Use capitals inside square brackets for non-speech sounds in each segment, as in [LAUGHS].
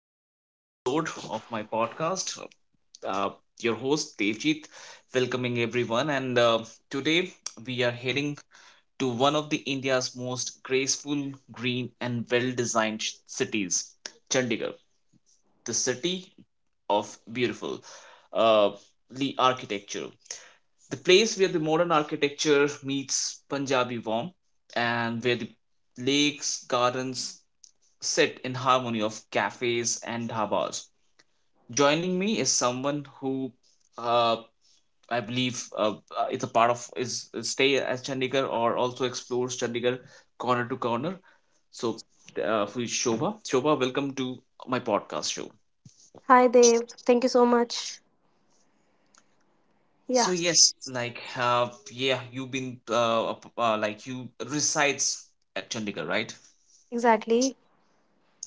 another episode of my podcast. Uh, your host Devjit, welcoming everyone, and today we are heading to one of the India's most graceful, green, and well-designed cities, Chandigarh, the city of beautiful, uh, the architecture, the place where the modern architecture meets Punjabi warmth, and where the lakes, gardens, sit in harmony of cafes and dhabas. Joining me is someone who uh, I believe is a part of is stay at Chandigarh or also explores Chandigarh corner to corner. So who is Shobha? Shobha, welcome to my podcast show. Hi, Dev. Thank you so much. So Yeah, yes, yeah, you've been like you resides at Chandigarh, right? exactly.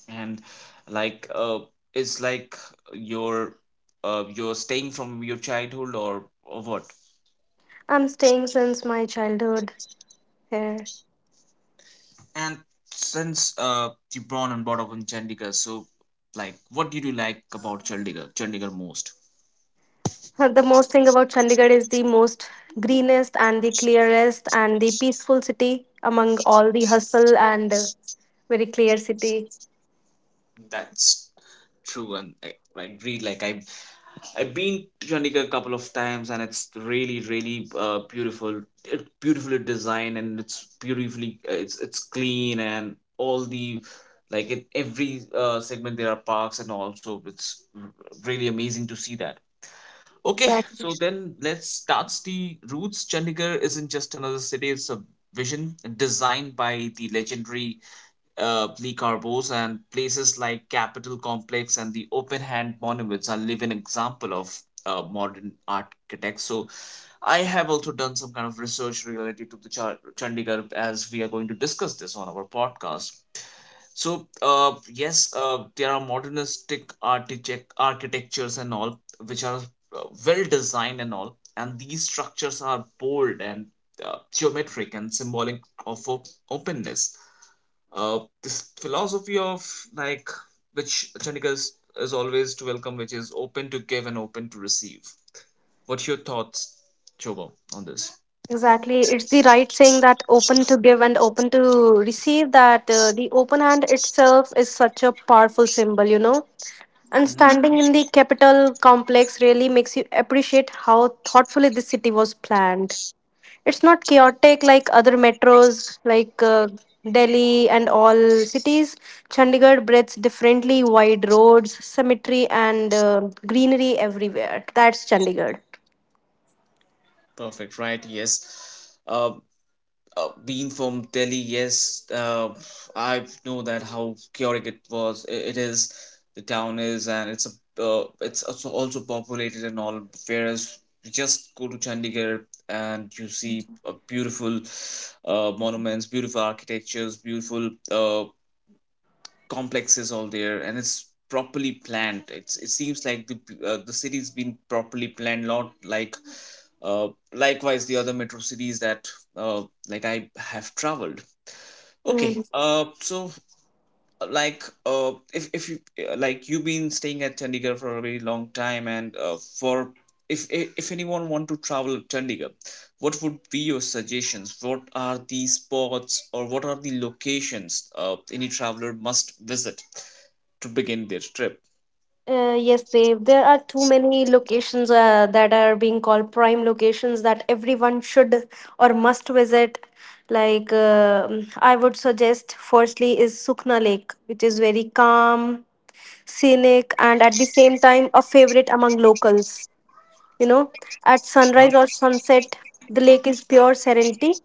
And like uh, it's like your, are you're staying from your childhood or what? I'm staying since my childhood here. [LAUGHS] And since you born and brought up in Chandigarh, so like what did you like about Chandigarh most? The most thing about Chandigarh is the most greenest and the clearest and the peaceful city among all the hustle and very clear city. That's true, and I agree. Like I've been to Chandigarh a couple of times, and it's really, really beautiful. It's beautifully designed, and it's beautifully it's clean, and all the like in every segment there are parks, and also really amazing to see that. Okay, Exactly. so then let's start the roots. Chandigarh isn't just another city; it's a vision designed by the legendary Polycarpos, and places like Capitol Complex and the Open Hand Monuments are living example of modern architects. So I have also done some kind of research related to the Chandigarh as we are going to discuss this on our podcast. So yes, there are modernistic architectures and all which are well designed and all, and these structures are bold and geometric and symbolic of openness, this philosophy of like which Chandika is always to welcome, which is open to give and open to receive. What's your thoughts, Chobo, on this? Exactly. It's the right saying that open to give and open to receive, that the open hand itself is such a powerful symbol, you know? And Mm-hmm. standing in the Capitol complex really makes you appreciate how thoughtfully this city was planned. It's not chaotic like other metros, like Delhi and all cities. Chandigarh breathes differently, wide roads, cemetery, and greenery everywhere. That's Chandigarh. Perfect, right? Yes. Uh, Being from Delhi, yes, I know that how chaotic it was. It is, the town is, and it's a it's also populated and all. Whereas you just go to Chandigarh and you see a beautiful monuments, beautiful architectures, beautiful uh, complexes all there, and it's properly planned. It's it seems like the city's been properly planned, not like uh, likewise the other metro cities that uh, like I have traveled. Okay, Mm. So if you like you've been staying at Chandigarh for a very long time, and for if if anyone want to travel Chandigarh, what would be your suggestions? What are the spots or what are the locations any traveler must visit to begin their trip? Yes, Dev. There are too many locations that are being called prime locations that everyone should or must visit. Like, I would suggest, firstly, is Sukna Lake, which is very calm, Mm-hmm. scenic, and at the same time, a favorite among locals. You know, at uh sunrise or sunset, the lake is pure serenity,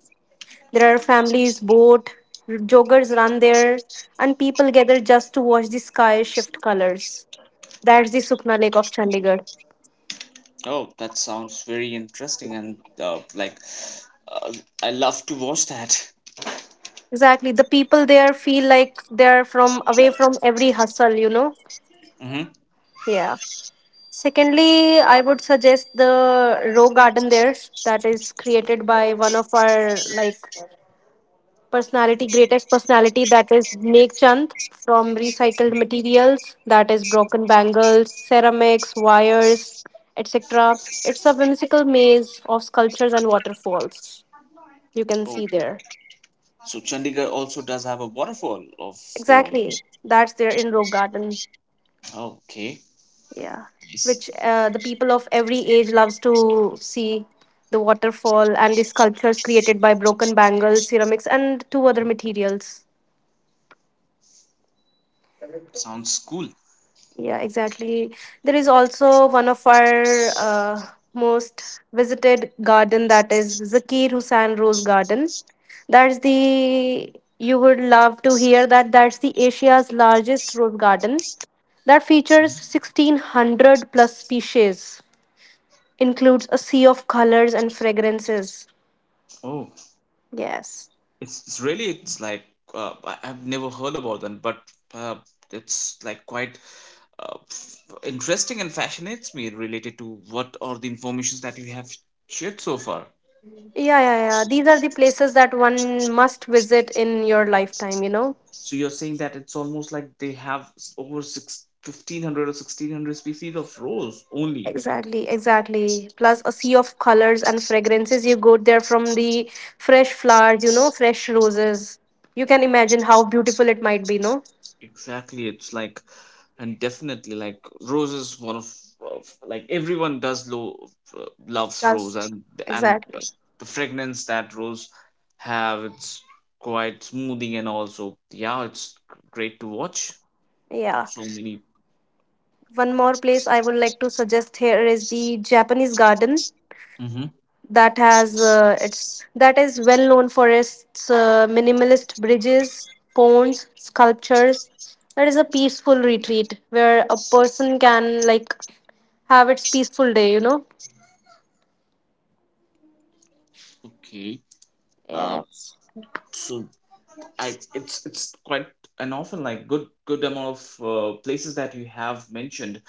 there are families boat, joggers run there, and people gather just to watch the sky shift colors. That's the Sukna Lake of Chandigarh. Oh, that sounds very interesting, and uh, I love to watch that. [LAUGHS] Exactly. The people there feel like they're from away from every hustle, you know? Mm-hmm. Yeah. Secondly, I would suggest the row garden there that is created by one of our like personality, greatest personality, that is Lake Chand, from recycled materials, that is broken bangles, ceramics, wires, etc. It's a whimsical maze of sculptures and waterfalls. You can Oh, see there. so Chandigarh also does have a waterfall of their own. Exactly. That's there in Rock Garden. Oh, okay, Yeah. nice. Which the people of every age loves to see the waterfall and the sculptures created by broken bangles, ceramics, and two other materials. Sounds cool. Yeah, exactly. There is also one of our most visited garden, that is Zakir Hussain Rose Garden. That's the You would love to hear that that's the Asia's largest rose garden that features Mhm. 1600 plus species, includes a sea of colors and fragrances. Oh, Yes. It's really it's like I've never heard about them, but uh, it's like quite interesting and fascinates me related to what are the informations that you have shared so far. Yeah, yeah, yeah. These are the places that one must visit in your lifetime, you know. So you're saying that it's almost like they have over six 1500 or 1600 species of rose only. Exactly, exactly. Plus a sea of colors and fragrances you got there from the fresh flowers, you know, fresh roses. You can imagine how beautiful it might be, no? Exactly. It's like, and definitely like rose is one of like everyone does loves rose, That's and exactly. the fragrance that rose have it's quite smoothing, and also yeah it's great to watch Yeah. so many. One more place I would like to suggest here is the Japanese garden Hmm. that has it's that is well known for its minimalist bridges, ponds, sculptures. That is a peaceful retreat where a person can like have its peaceful day, you know. Okay, uh Yes. so I it's quite an often like good amount of places that you have mentioned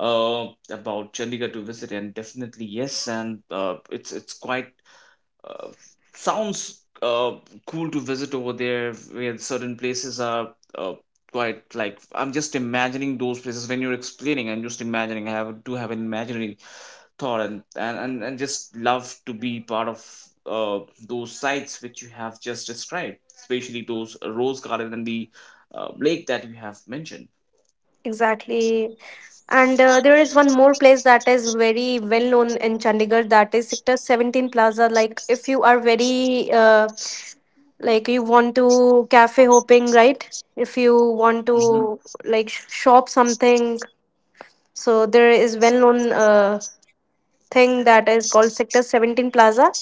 uh, about Chandigarh to visit, and definitely yes, and it's quite uh, sounds cool to visit over there. Where certain places are uh, quite like I'm just imagining those places when you're explaining. I'm just imagining. I have to have an imaginary torrent, and just love to be part of those sites which you have just described, especially those rose garden and the lake that you have mentioned. Exactly. And there is one more place that is very well known in Chandigarh, that is Sector 17 Plaza. Like, if you are very, like, you want to cafe hopping, right? If you want Mm-hmm. to, like, shop something. So, there is well known thing that is called Sector 17 Plaza,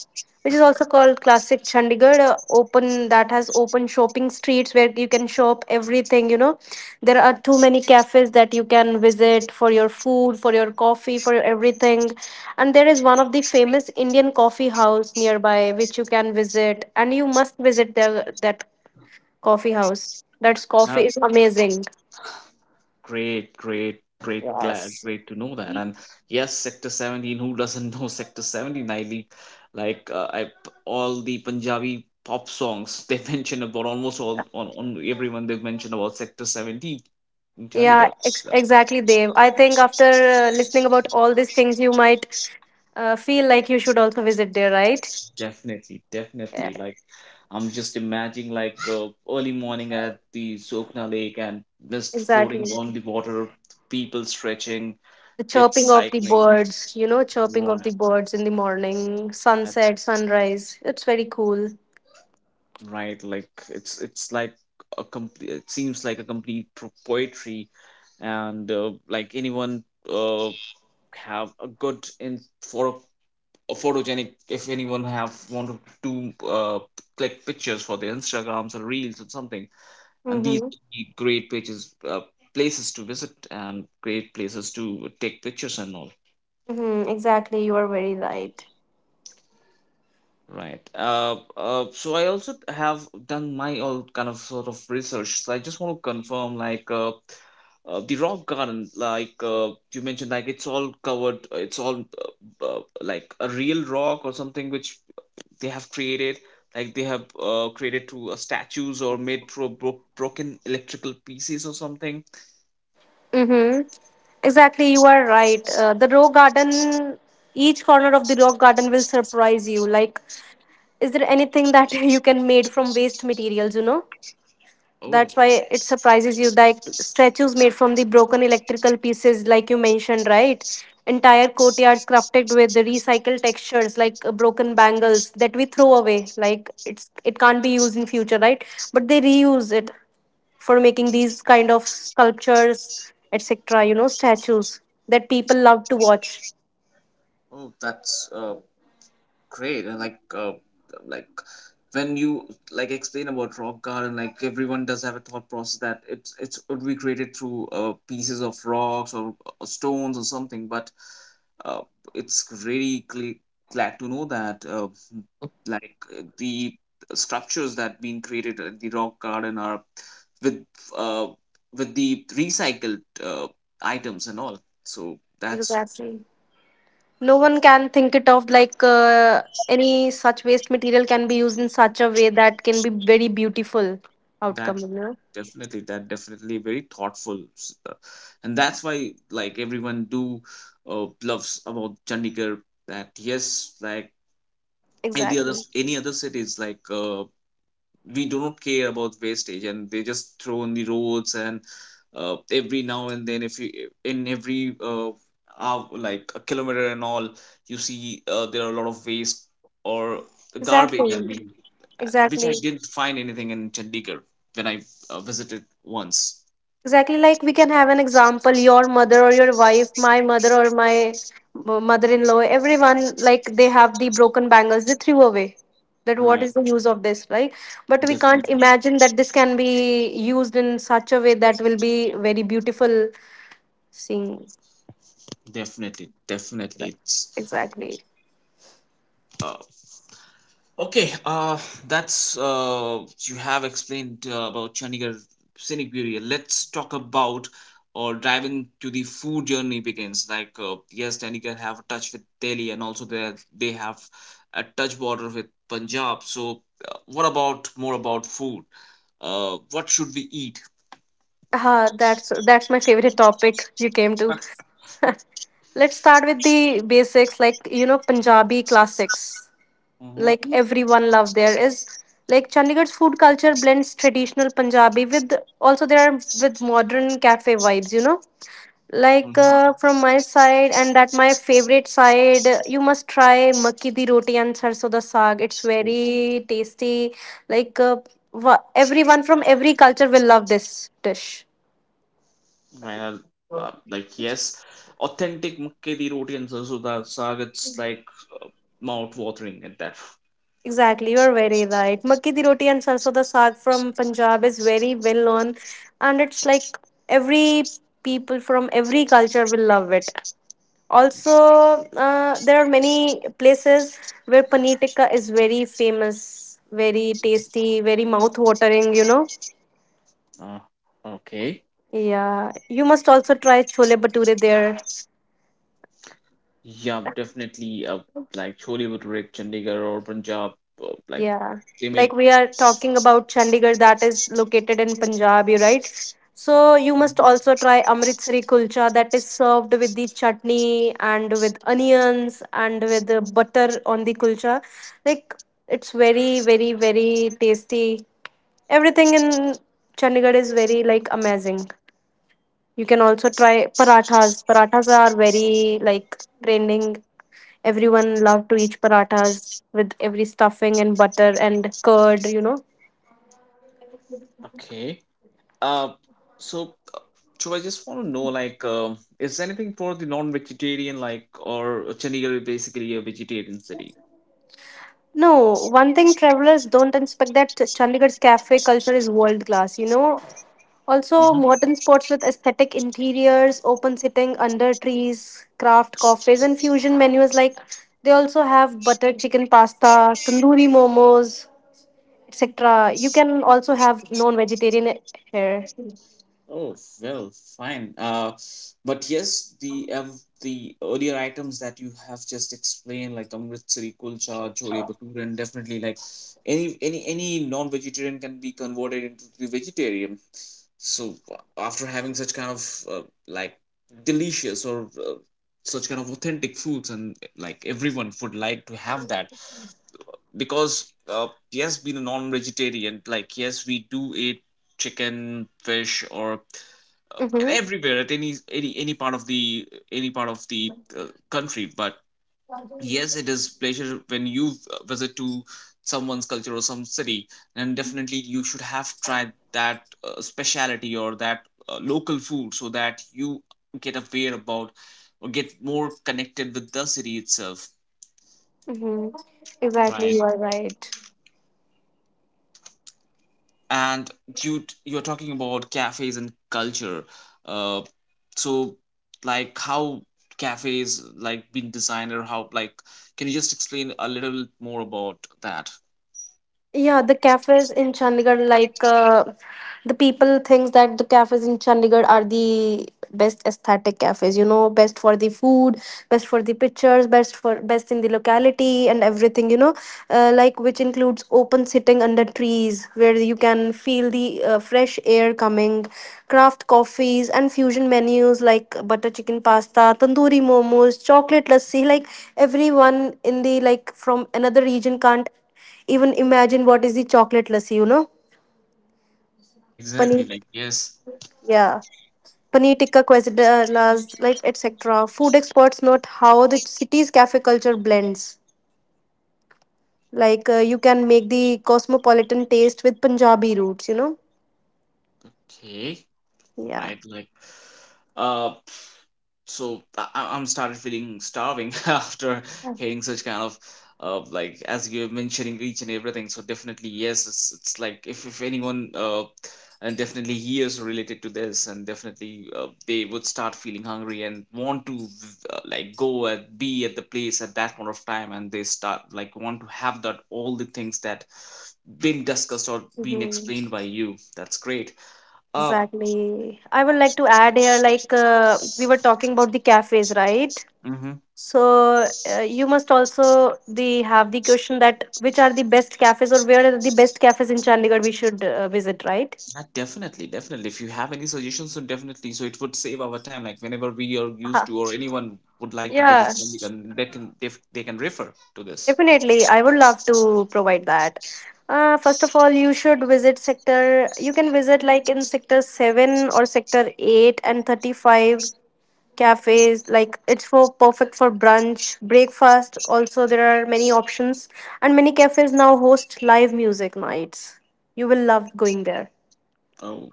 which is also called Classic Chandigarh. Open that has open shopping streets where you can shop everything. You know, there are too many cafes that you can visit for your food, for your coffee, for your everything. And there is one of the famous Indian coffee house nearby which you can visit, and you must visit that coffee house. That's coffee That's is amazing. great great Yes. great to know that. And yes, sector 17, who doesn't know sector 17? I li- like I, All the Punjabi pop songs they [LAUGHS] mention about almost all on everyone they've mentioned about sector 17 in Yeah, Chandigarh. Exactly, Dev. I think after listening about all these things, you might feel like you should also visit there, right? Definitely, definitely. Yeah, Like, I'm just imagining like early morning at the Sokna Lake and just exactly. floating on the water, people stretching, The kids chirping of the cycling. birds, you know, chirping of Right, the birds in the morning, that's sunset, sunrise. It's very cool. right. Like, it's like a complete. It seems like a complete poetry, and like anyone uh have a good in for a photogenic. If anyone have want to do click pictures for their Instagrams or reels or something, and these Mm-hmm. would be great places places to visit and great places to take pictures and all, Mm-hmm. Exactly, you are very right. right? So I also have done my all kind of sort of research, so I just want to confirm like the rock garden like you mentioned like it's all covered it's all like a real rock or something which they have created. Like they have created to statues or made through broken electrical pieces or something. Mm-hmm. Exactly, you are right. The rock garden, each corner of the rock garden will surprise you. Like, is there anything that [LAUGHS] you can made from waste materials? You know? Oh, That's why it surprises you. Like statues made from the broken electrical pieces, like you mentioned, right? Entire courtyards crafted with the recycled textures, like broken bangles that we throw away, like it can't be used in future, right? But they reuse it for making these kind of sculptures, etc. You know, statues that people love to watch. oh, that's great. And like like when you like explain about rock garden, like everyone does have a thought process that it's would be created through pieces of rocks or stones or something, but uh, it's really glad to know that the structures that been created at the rock garden are with uh, with the recycled items and all, so that's. Exactly. No one can think it of like any such waste material can be used in such a way that can be very beautiful outcome, That you know. That definitely very thoughtful, and that's why like everyone do loves about Chandigarh. That yes, like Exactly. any other cities like we don't care about wastage and they just throw on the roads, and every now and then if you in every hour, like a kilometer and all, you see there are a lot of waste or garbage I Exactly. mean, which I Exactly. didn't find anything in Chandigarh when I visited once, Exactly. Like we can have an example, your mother or your wife, my mother or my mother-in-law, everyone like they have the broken bangles, they threw away. That right? what is the use of this, right? But we can't definitely imagine that this can be used in such a way that will be very beautiful. Seeing definitely definitely it's exactly. uh, okay. That's you have explained about Chandigarh scenic beauty. Let's talk about or driving to the food journey begins. Like yes, Chandigarh have a touch with Delhi, and also they have a touch border with Punjab. So, what about more about food? What should we eat? That's my favorite topic you came to. [LAUGHS] Let's start with the basics, like you know, Punjabi classics. Mm-hmm. Like everyone love there is like Chandigarh's food culture blends traditional Punjabi with, also there are, with modern cafe vibes. You know, like from my side and that my favorite side, you must try makki di roti and sarso da saag. It's So, very tasty. Like everyone from every culture will love this dish. well, yes, authentic makke di roti and sarso da saag. It's like mouth watering at that. Exactly, you're very right. Makki di roti and sarson da saag from Punjab is very well known, and it's like every people from every culture will love it. Also, there are many places where paneer tikka is very famous, very tasty, very mouth watering. You know, Uh, okay. yeah. You must also try chole bhature there. Yeah, definitely. Like Chollywood Red, Chandigarh or Punjab, uh, like Yeah, they made. like we are talking about Chandigarh that is located in Punjab, you right? So you Mhm. must also try Amritsari kulcha that is served with the chutney and with onions and with the butter on the kulcha. Like it's very, very, very tasty. Everything in Chandigarh is very like amazing. You can also try parathas. Parathas are very like trending. Everyone love to eat parathas with every stuffing and butter and curd, you know. Okay. Uh, so, uh, so I just want to know, like, is anything for the non-vegetarian, like, or Chandigarh is basically a vegetarian city? No, one thing travelers don't expect, that Chandigarh's cafe culture is world class, you know. Also, Mm-hmm. modern spots with aesthetic interiors, open sitting under trees, craft coffees, and fusion menus like, they also have butter chicken pasta, tandoori momos, etc. You can also have non vegetarian here. Oh, well, fine. But yes, the earlier items that you have just explained, like Amritsari kulcha, chole bhature, and definitely like any any non-vegetarian can be converted into the vegetarian. So after having such kind of like delicious or such kind of authentic foods, and like everyone would like to have that because yes, being a non-vegetarian, like yes, we do eat chicken, fish, or Mm-hmm. everywhere at any any part of the any part of the country. But yes, it is pleasure when you visit to someone's culture or some city, then definitely you should have tried that speciality or that local food, so that you get aware about or get more connected with the city itself, Mm-hmm. Exactly, right? you are right. And you you're talking about cafes and culture, uh so like how cafes like been designed, or how like can you just explain a little more about that. Yeah, the cafes in Chandigarh, like the people thinks that the cafes in Chandigarh are the best aesthetic cafes. You know, best for the food, best for the pictures, best for best in the locality and everything. You know, like which includes open sitting under trees where you can feel the fresh air coming, craft coffees and fusion menus like butter chicken pasta, tandoori momos, chocolate lassi. Like everyone in the like from another region can't even imagine what is the chocolate lassi, you know? Exactly. Paneer, Like yes. yeah. Paneer tikka quesadillas, like etc. Food experts note how the city's cafe culture blends. Like you can make the cosmopolitan taste with Punjabi roots, you know? Okay, Yeah. right, like uh so I'm started feeling starving [LAUGHS] after hearing such kind of like as you're mentioning each and everything. So definitely yes, it's like if anyone and definitely hears related to this, and definitely they would start feeling hungry and want to like go and be at the place at that point of time, and they start like want to have that all the things that been discussed or been Hmm. explained by you. That's great. Uh. Exactly. I would like to add here, like we were talking about the cafes, right? Mhm. So you must also the have the question that which are the best cafes or where are the best cafes in Chandigarh we should visit, right? Definitely, definitely. If you have any suggestions, so definitely. So it would save our time. Like whenever we are used Uh-huh. to, or anyone would like to visit Yeah, Chandigarh, they can refer to this. definitely. I would love to provide that. First of all, you should visit sector. You can visit like in sector 7 or sector 8 and 35 cafes. Like it's for perfect for brunch, breakfast. Also, there are many options, and many cafes now host live music nights. You will love going there. Oh,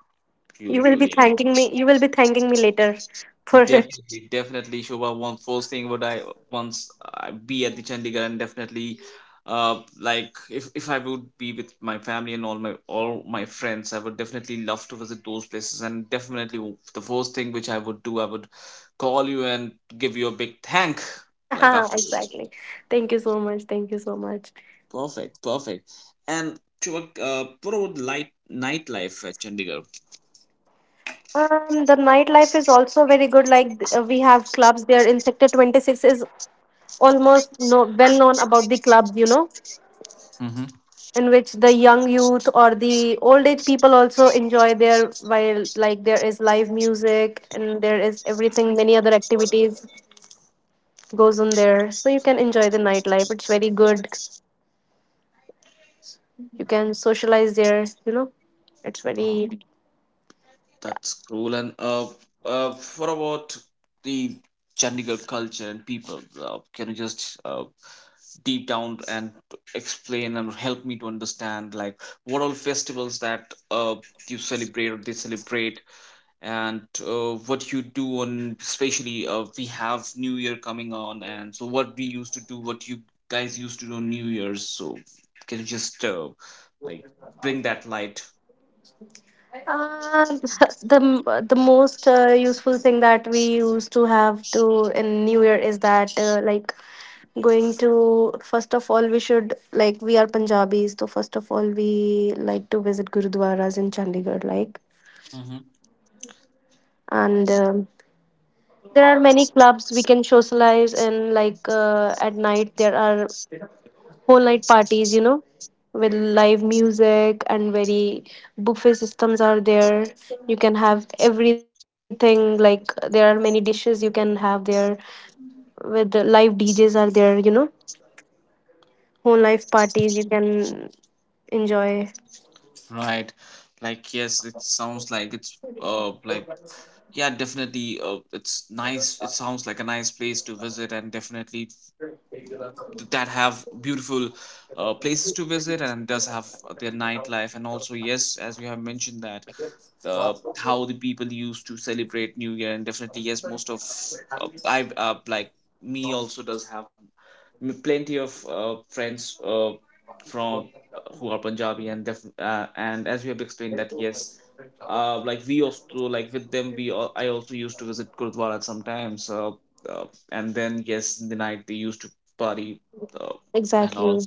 You will beautiful. be Yeah, thanking me. You will be thanking me later for. [LAUGHS] definitely, definitely. Shobha, one first thing would I once I be at the Chandigarh, and definitely, like if I would be with my family and all my friends, I would definitely love to visit those places. And definitely, the first thing which I would do, I would call you and give you a big thank, like afterwards. Exactly. Thank you so much. Thank you so much. Perfect, perfect. And to what about light nightlife at Chandigarh? The nightlife is also very good. Like we have clubs there in Sector 26, is almost no, well known about the clubs, you know, Hmm. in which the young youth or the old age people also enjoy there while like there is live music and there is everything, many other activities goes on there. So you can enjoy the nightlife. It's very good. You can socialize there, you know. It's Oh, very that's cool. And what about the Chandigarh culture and people? Can you just deep down and Mhm. explain and help me to understand, like, what all festivals that you celebrate or they celebrate? And what you do on especially we have new year coming on, and so what we used to do, what you guys used to do on new year's? So can you just like bring that light. Um, [LAUGHS] the the most useful thing that we used to have to in New Year is that like going to, first of all we should like, we are Punjabis so first of all we like to visit Gurudwaras in Chandigarh like, Hmm. and there are many clubs we can socialize, and like at night there are whole night parties, you know, with live music and very buffet systems are there. You can have everything, like there are many dishes you can have there with the live DJs are there, you know, whole life parties you can enjoy. Right. Like yes, it sounds like it's like yeah, definitely. It's nice, it sounds like a nice place to visit, and definitely that have beautiful places to visit, and does have their nightlife. And also yes, as you have mentioned that the how the people used to celebrate new year. And definitely yes, most of I like me also does have plenty of friends from who are Punjabi. And and as we have explained that yes, like we also like with them, I also used to visit gurdwara sometimes. Uh, and then yes, in the night they used to party, uh, and all. Exactly.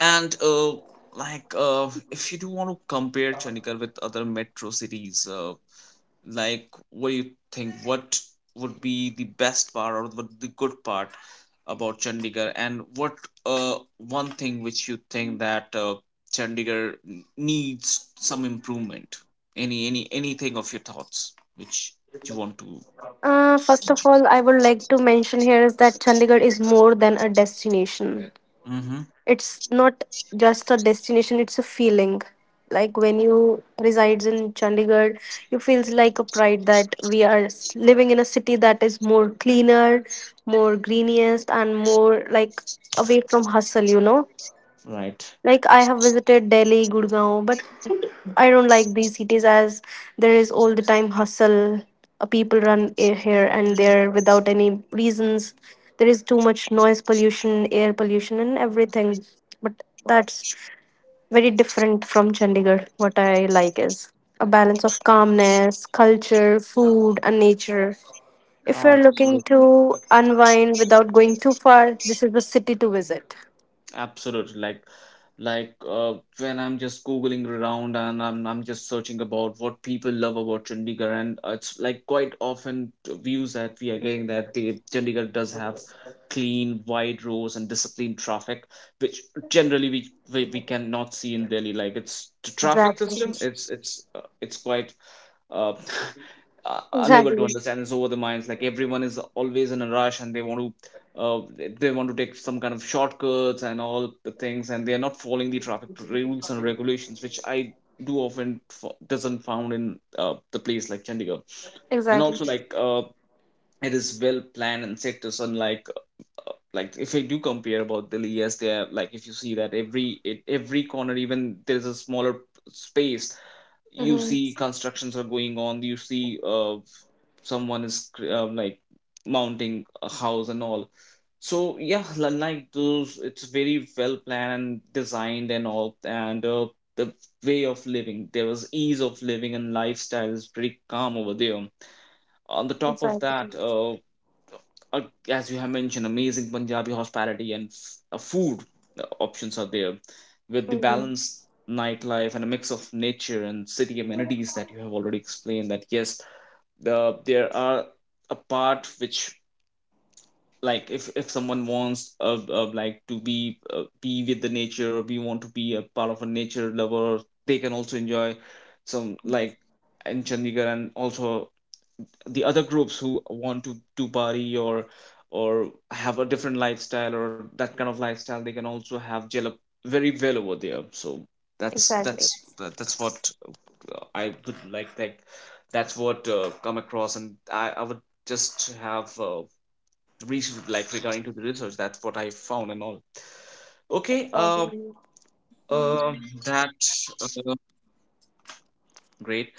And like if you do want to compare Chandigarh with other metro cities, like what do you think? What would be the best part, or what the good part about Chandigarh? And what uh, one thing which you think that Chandigarh needs some improvement? Anything of your thoughts which you want to? First of all, I would like to mention here is that Chandigarh is more than a destination. Mm-hmm. It's not just a destination, it's a feeling. Like when you resides in Chandigarh, you feels like a pride that we are living in a city that is more cleaner, more greeniest, and more like away from hustle. Right. Like I have visited Delhi, Gurgaon, but I don't like these cities as there is all the time hustle. People run here and there without any reasons. There is too much noise pollution, air pollution, and everything. But that's very different from Chandigarh. What I like is a balance of calmness, culture, food, and nature. If Ah, you're looking to unwind without going too far, this is the city to visit. absolutely. Like when I'm just googling around, and I'm just searching about what people love about Chandigarh. And it's like quite often views that we are getting, that the Chandigarh does have clean, wide roads and disciplined traffic, which generally we cannot see in Delhi. Like it's the traffic Exactly. system. It's quite uh, [LAUGHS] unable to Exactly. understand. It's over the minds, like everyone is always in a rush, and they want to they want to take some kind of shortcuts and all the things, and they are not following the traffic rules and regulations, which I do often doesn't found in the place like Chandigarh. And Exactly. also like it is well planned and sectors, unlike like if I do compare about Delhi, yes they are like. If you see that every corner, even there is a smaller space, you Mm-hmm. see constructions are going on, you see someone is like mounting a house and all. So yeah, like those, it's very well planned, designed, and all. And the way of living there was ease of living, and lifestyle is pretty calm over there. On the top of that, Exactly. Uh, as you have mentioned, amazing Punjabi hospitality and food options are there, with the Mm-hmm. balanced nightlife and a mix of nature and city amenities that you have already explained. That yes, there are a part which, like if someone wants like to be with the nature, or we want to be a part of a nature lover, they can also enjoy some, like in Chandigarh. And also the other groups who want to party, or have a different lifestyle, or that kind of lifestyle, they can also have gel up very well over there. So Exactly. That's what I would like that's what come across. And I would just have reach, like regarding to the research, that's what I found and all. Okay. Exactly. uh that uh, great.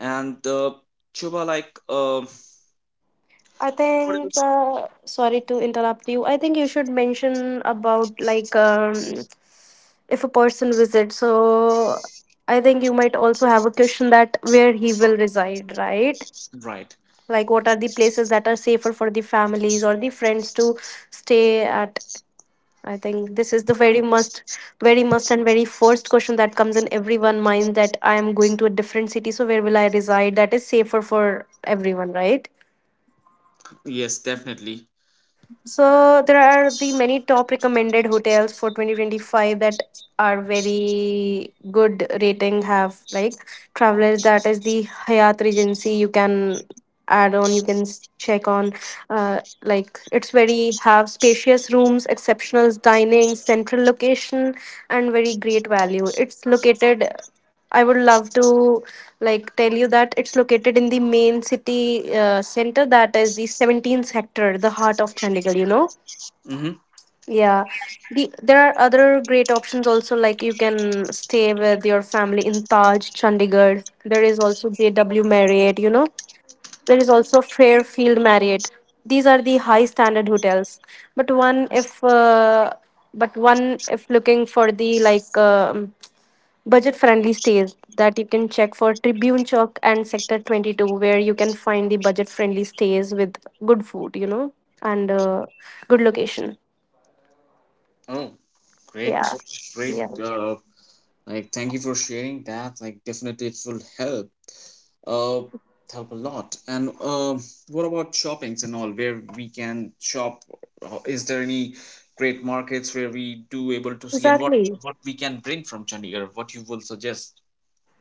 And uh, Chuba, like um, I what think, else? uh, sorry to interrupt you. I think you should mention about like if a person visits. So I think you might also have a question that where he will reside, right? Right, Like what are the places that are safer for the families or the friends to stay at? I think this is the very must, and very first question that comes in everyone's mind that I am going to a different city, so where will I reside? That is safer for everyone, right? yes, definitely. So there are the many top recommended hotels for 2025 that are very good rating have like travelers, that is the Hyatt Regency. You can add on, you can check on, like it's very have spacious rooms, exceptional dining, central location, and very great value. It's located, I would love to like tell you that it's located in the main city center, that is the 17th sector, the heart of Chandigarh, you know. Mm-hmm. Yeah. The, there are other great options also, like you can stay with your family in Taj, Chandigarh. There is also JW Marriott, you know. There is also Fairfield Marriott. These are the high standard hotels. But one if uh, but one if looking for the like budget friendly stays, that you can check for Tribune Chowk and Sector 22, where you can find the budget friendly stays with good food, and good location. Oh, great, Yeah. great. Yeah. Like, thank you for sharing that. Like, definitely, it will help. Uh, Help a lot. And what about shoppings and all? Where we can shop? Is there any great markets where we do able to see, and Exactly. what we can bring from Chandigarh? What you will suggest?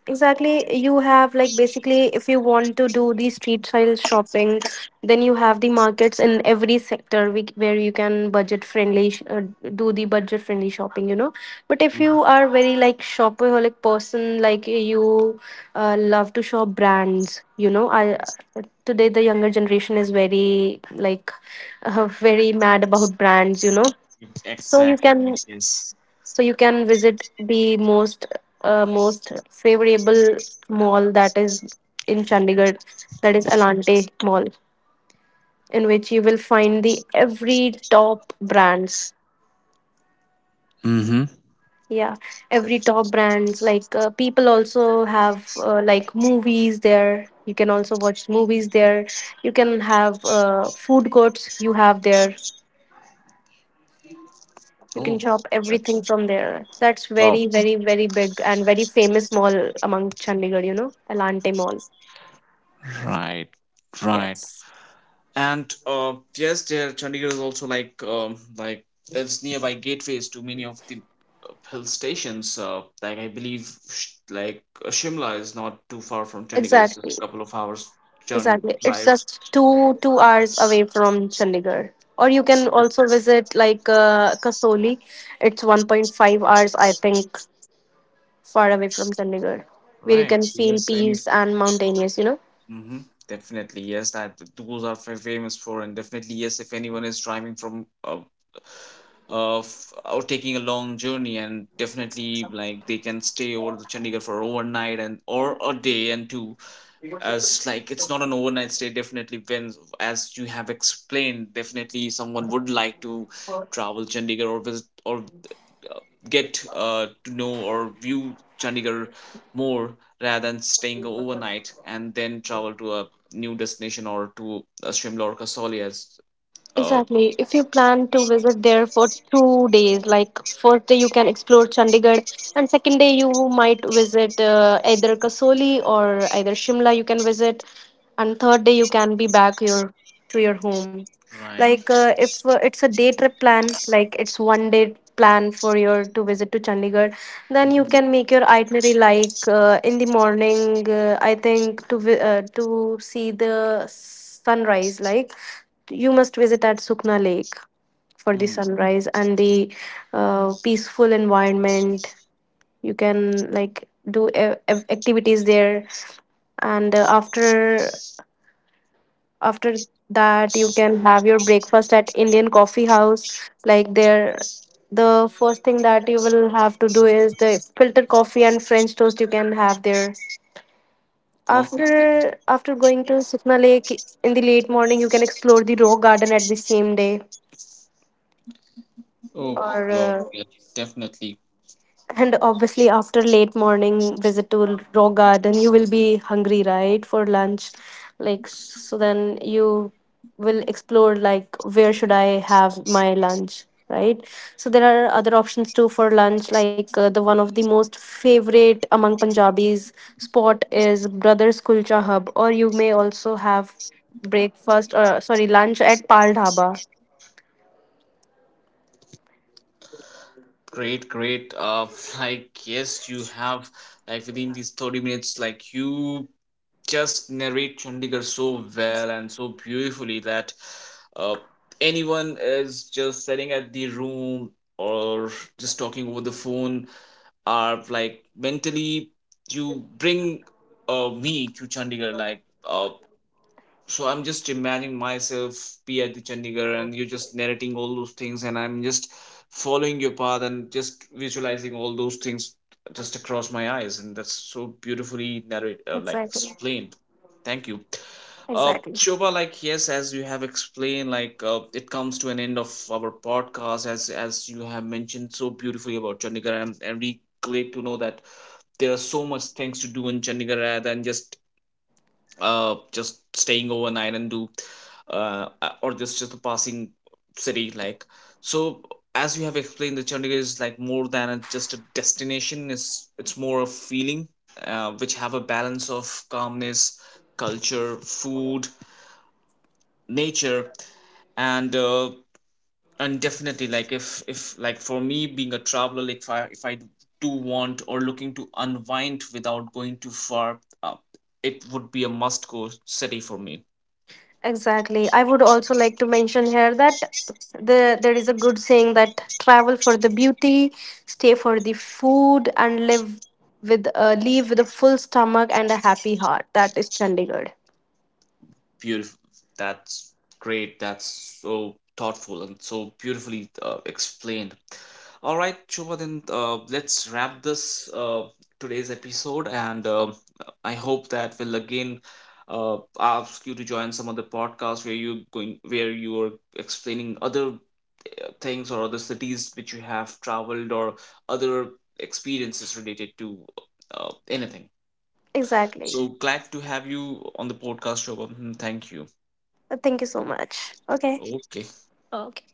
Exactly. You have like, basically if you want to do the street style shopping, then you have the markets in every sector, we, where you can budget friendly do the budget friendly shopping, you know. But if Mhm. you are very like shopaholic person, like you love to shop brands, you know, I today the younger generation is very like [LAUGHS] very mad about brands, you know, so you Exactly, can, which is. so you can visit the most favorable mall that is in Chandigarh, that is Alante Mall, in which you will find the every top brands. Mm-hmm. Yeah, every Def-. top brands. Like people also have like movies there. You can also watch movies there. You can have food courts. You have there. You can Oh, shop everything that's from there. That's top. very, very, very big and very famous mall among Chandigarh, you know, Elante Mall. Right, right. Yes. And yes, there Chandigarh is also like it's nearby gateways to many of the hill stations. Like I believe, Shimla is not too far from Chandigarh, it's just Exactly. a couple of hours journey Exactly. It's drive. just two hours away from Chandigarh. Or you can also visit like Kasoli. It's 1.5 hours, I think, far away from Chandigarh, where you Right. can So feel yes, any. peace and mountainous, you know. Hmm. Definitely yes, that those are famous for. And definitely yes, if anyone is driving from of or taking a long journey, and definitely like they can stay over the Chandigarh for overnight, and or a day and two. As like it's not an overnight stay. Definitely when, as you have explained, definitely someone would like to travel Chandigarh or visit, or get to know or view Chandigarh more, rather than staying overnight and then travel to a new destination, or to Shimla or Kasoli as uh, Exactly. If you plan to visit there for 2 days, like first day you can explore Chandigarh, and second day you might visit either Kasoli or either Shimla. You can visit, and third day you can be back your to your home. right. Like if it's a day trip plan, like it's one day plan for your to visit to Chandigarh, then you Mhm. can make your itinerary like in the morning. I think to see the sunrise, like. You must visit at Sukna Lake for the Mm, sunrise and the peaceful environment. You can like do activities there, and after that you can have your breakfast at Indian Coffee House. Like there, the first thing that you will have to do is the filter coffee and French toast you can have there. perfect. After going to Sukna Lake in the late morning, you can explore the rock garden at the same day. Oh, Or well yeah, definitely. and obviously after late morning visit to rock garden, you will be hungry, right, for lunch. Like, so then you will explore like where should I have my lunch, right? So there are other options too for lunch, like the one of the most favorite among Punjabis spot is Brothers Kulcha Hub, or you may also have breakfast or sorry lunch at Pal Dhaba. Great, great. [LAUGHS] Like yes, you have, like within these 30 minutes, like you just narrate Chandigarh so well and so beautifully that uh, anyone is just sitting at the room or just talking over the phone are like mentally you bring me to Chandigarh, like. Uh, so I'm just imagining myself be at the Chandigarh, and you're just narrating all those things, and I'm just following your path and just visualizing all those things just across my eyes, and that's so beautifully narrate like Exactly. explained. Thank you. Exactly. Shobha, like yes, as you have explained, like it comes to an end of our podcast, as you have mentioned so beautifully about Chandigarh. And we glad to know that there are so much things to do in Chandigarh, rather than just staying overnight and do or just a passing city, like. So as you have explained, the Chandigarh is like more than a, just a destination, it's more a feeling, which have a balance of calmness, culture, food, nature. And and definitely like if like for me, being a traveler, like if I do want or looking to unwind without going too far, uh, it would be a must go city for me. Exactly. I would also like to mention here that there is a good saying that travel for the beauty, stay for the food, and live with leave with a full stomach and a happy heart. That is Chandigarh. Beautiful. That's great. That's so thoughtful and so beautifully explained. All right, Shobha, then let's wrap this today's episode. And um, I hope that we'll again ask you to join some other podcast where you going where you are explaining other things, or other cities which you have traveled, or other experiences related to anything. Exactly. So glad to have you on the podcast, Shobha. Thank you. Thank you so much. Okay. Okay. Okay.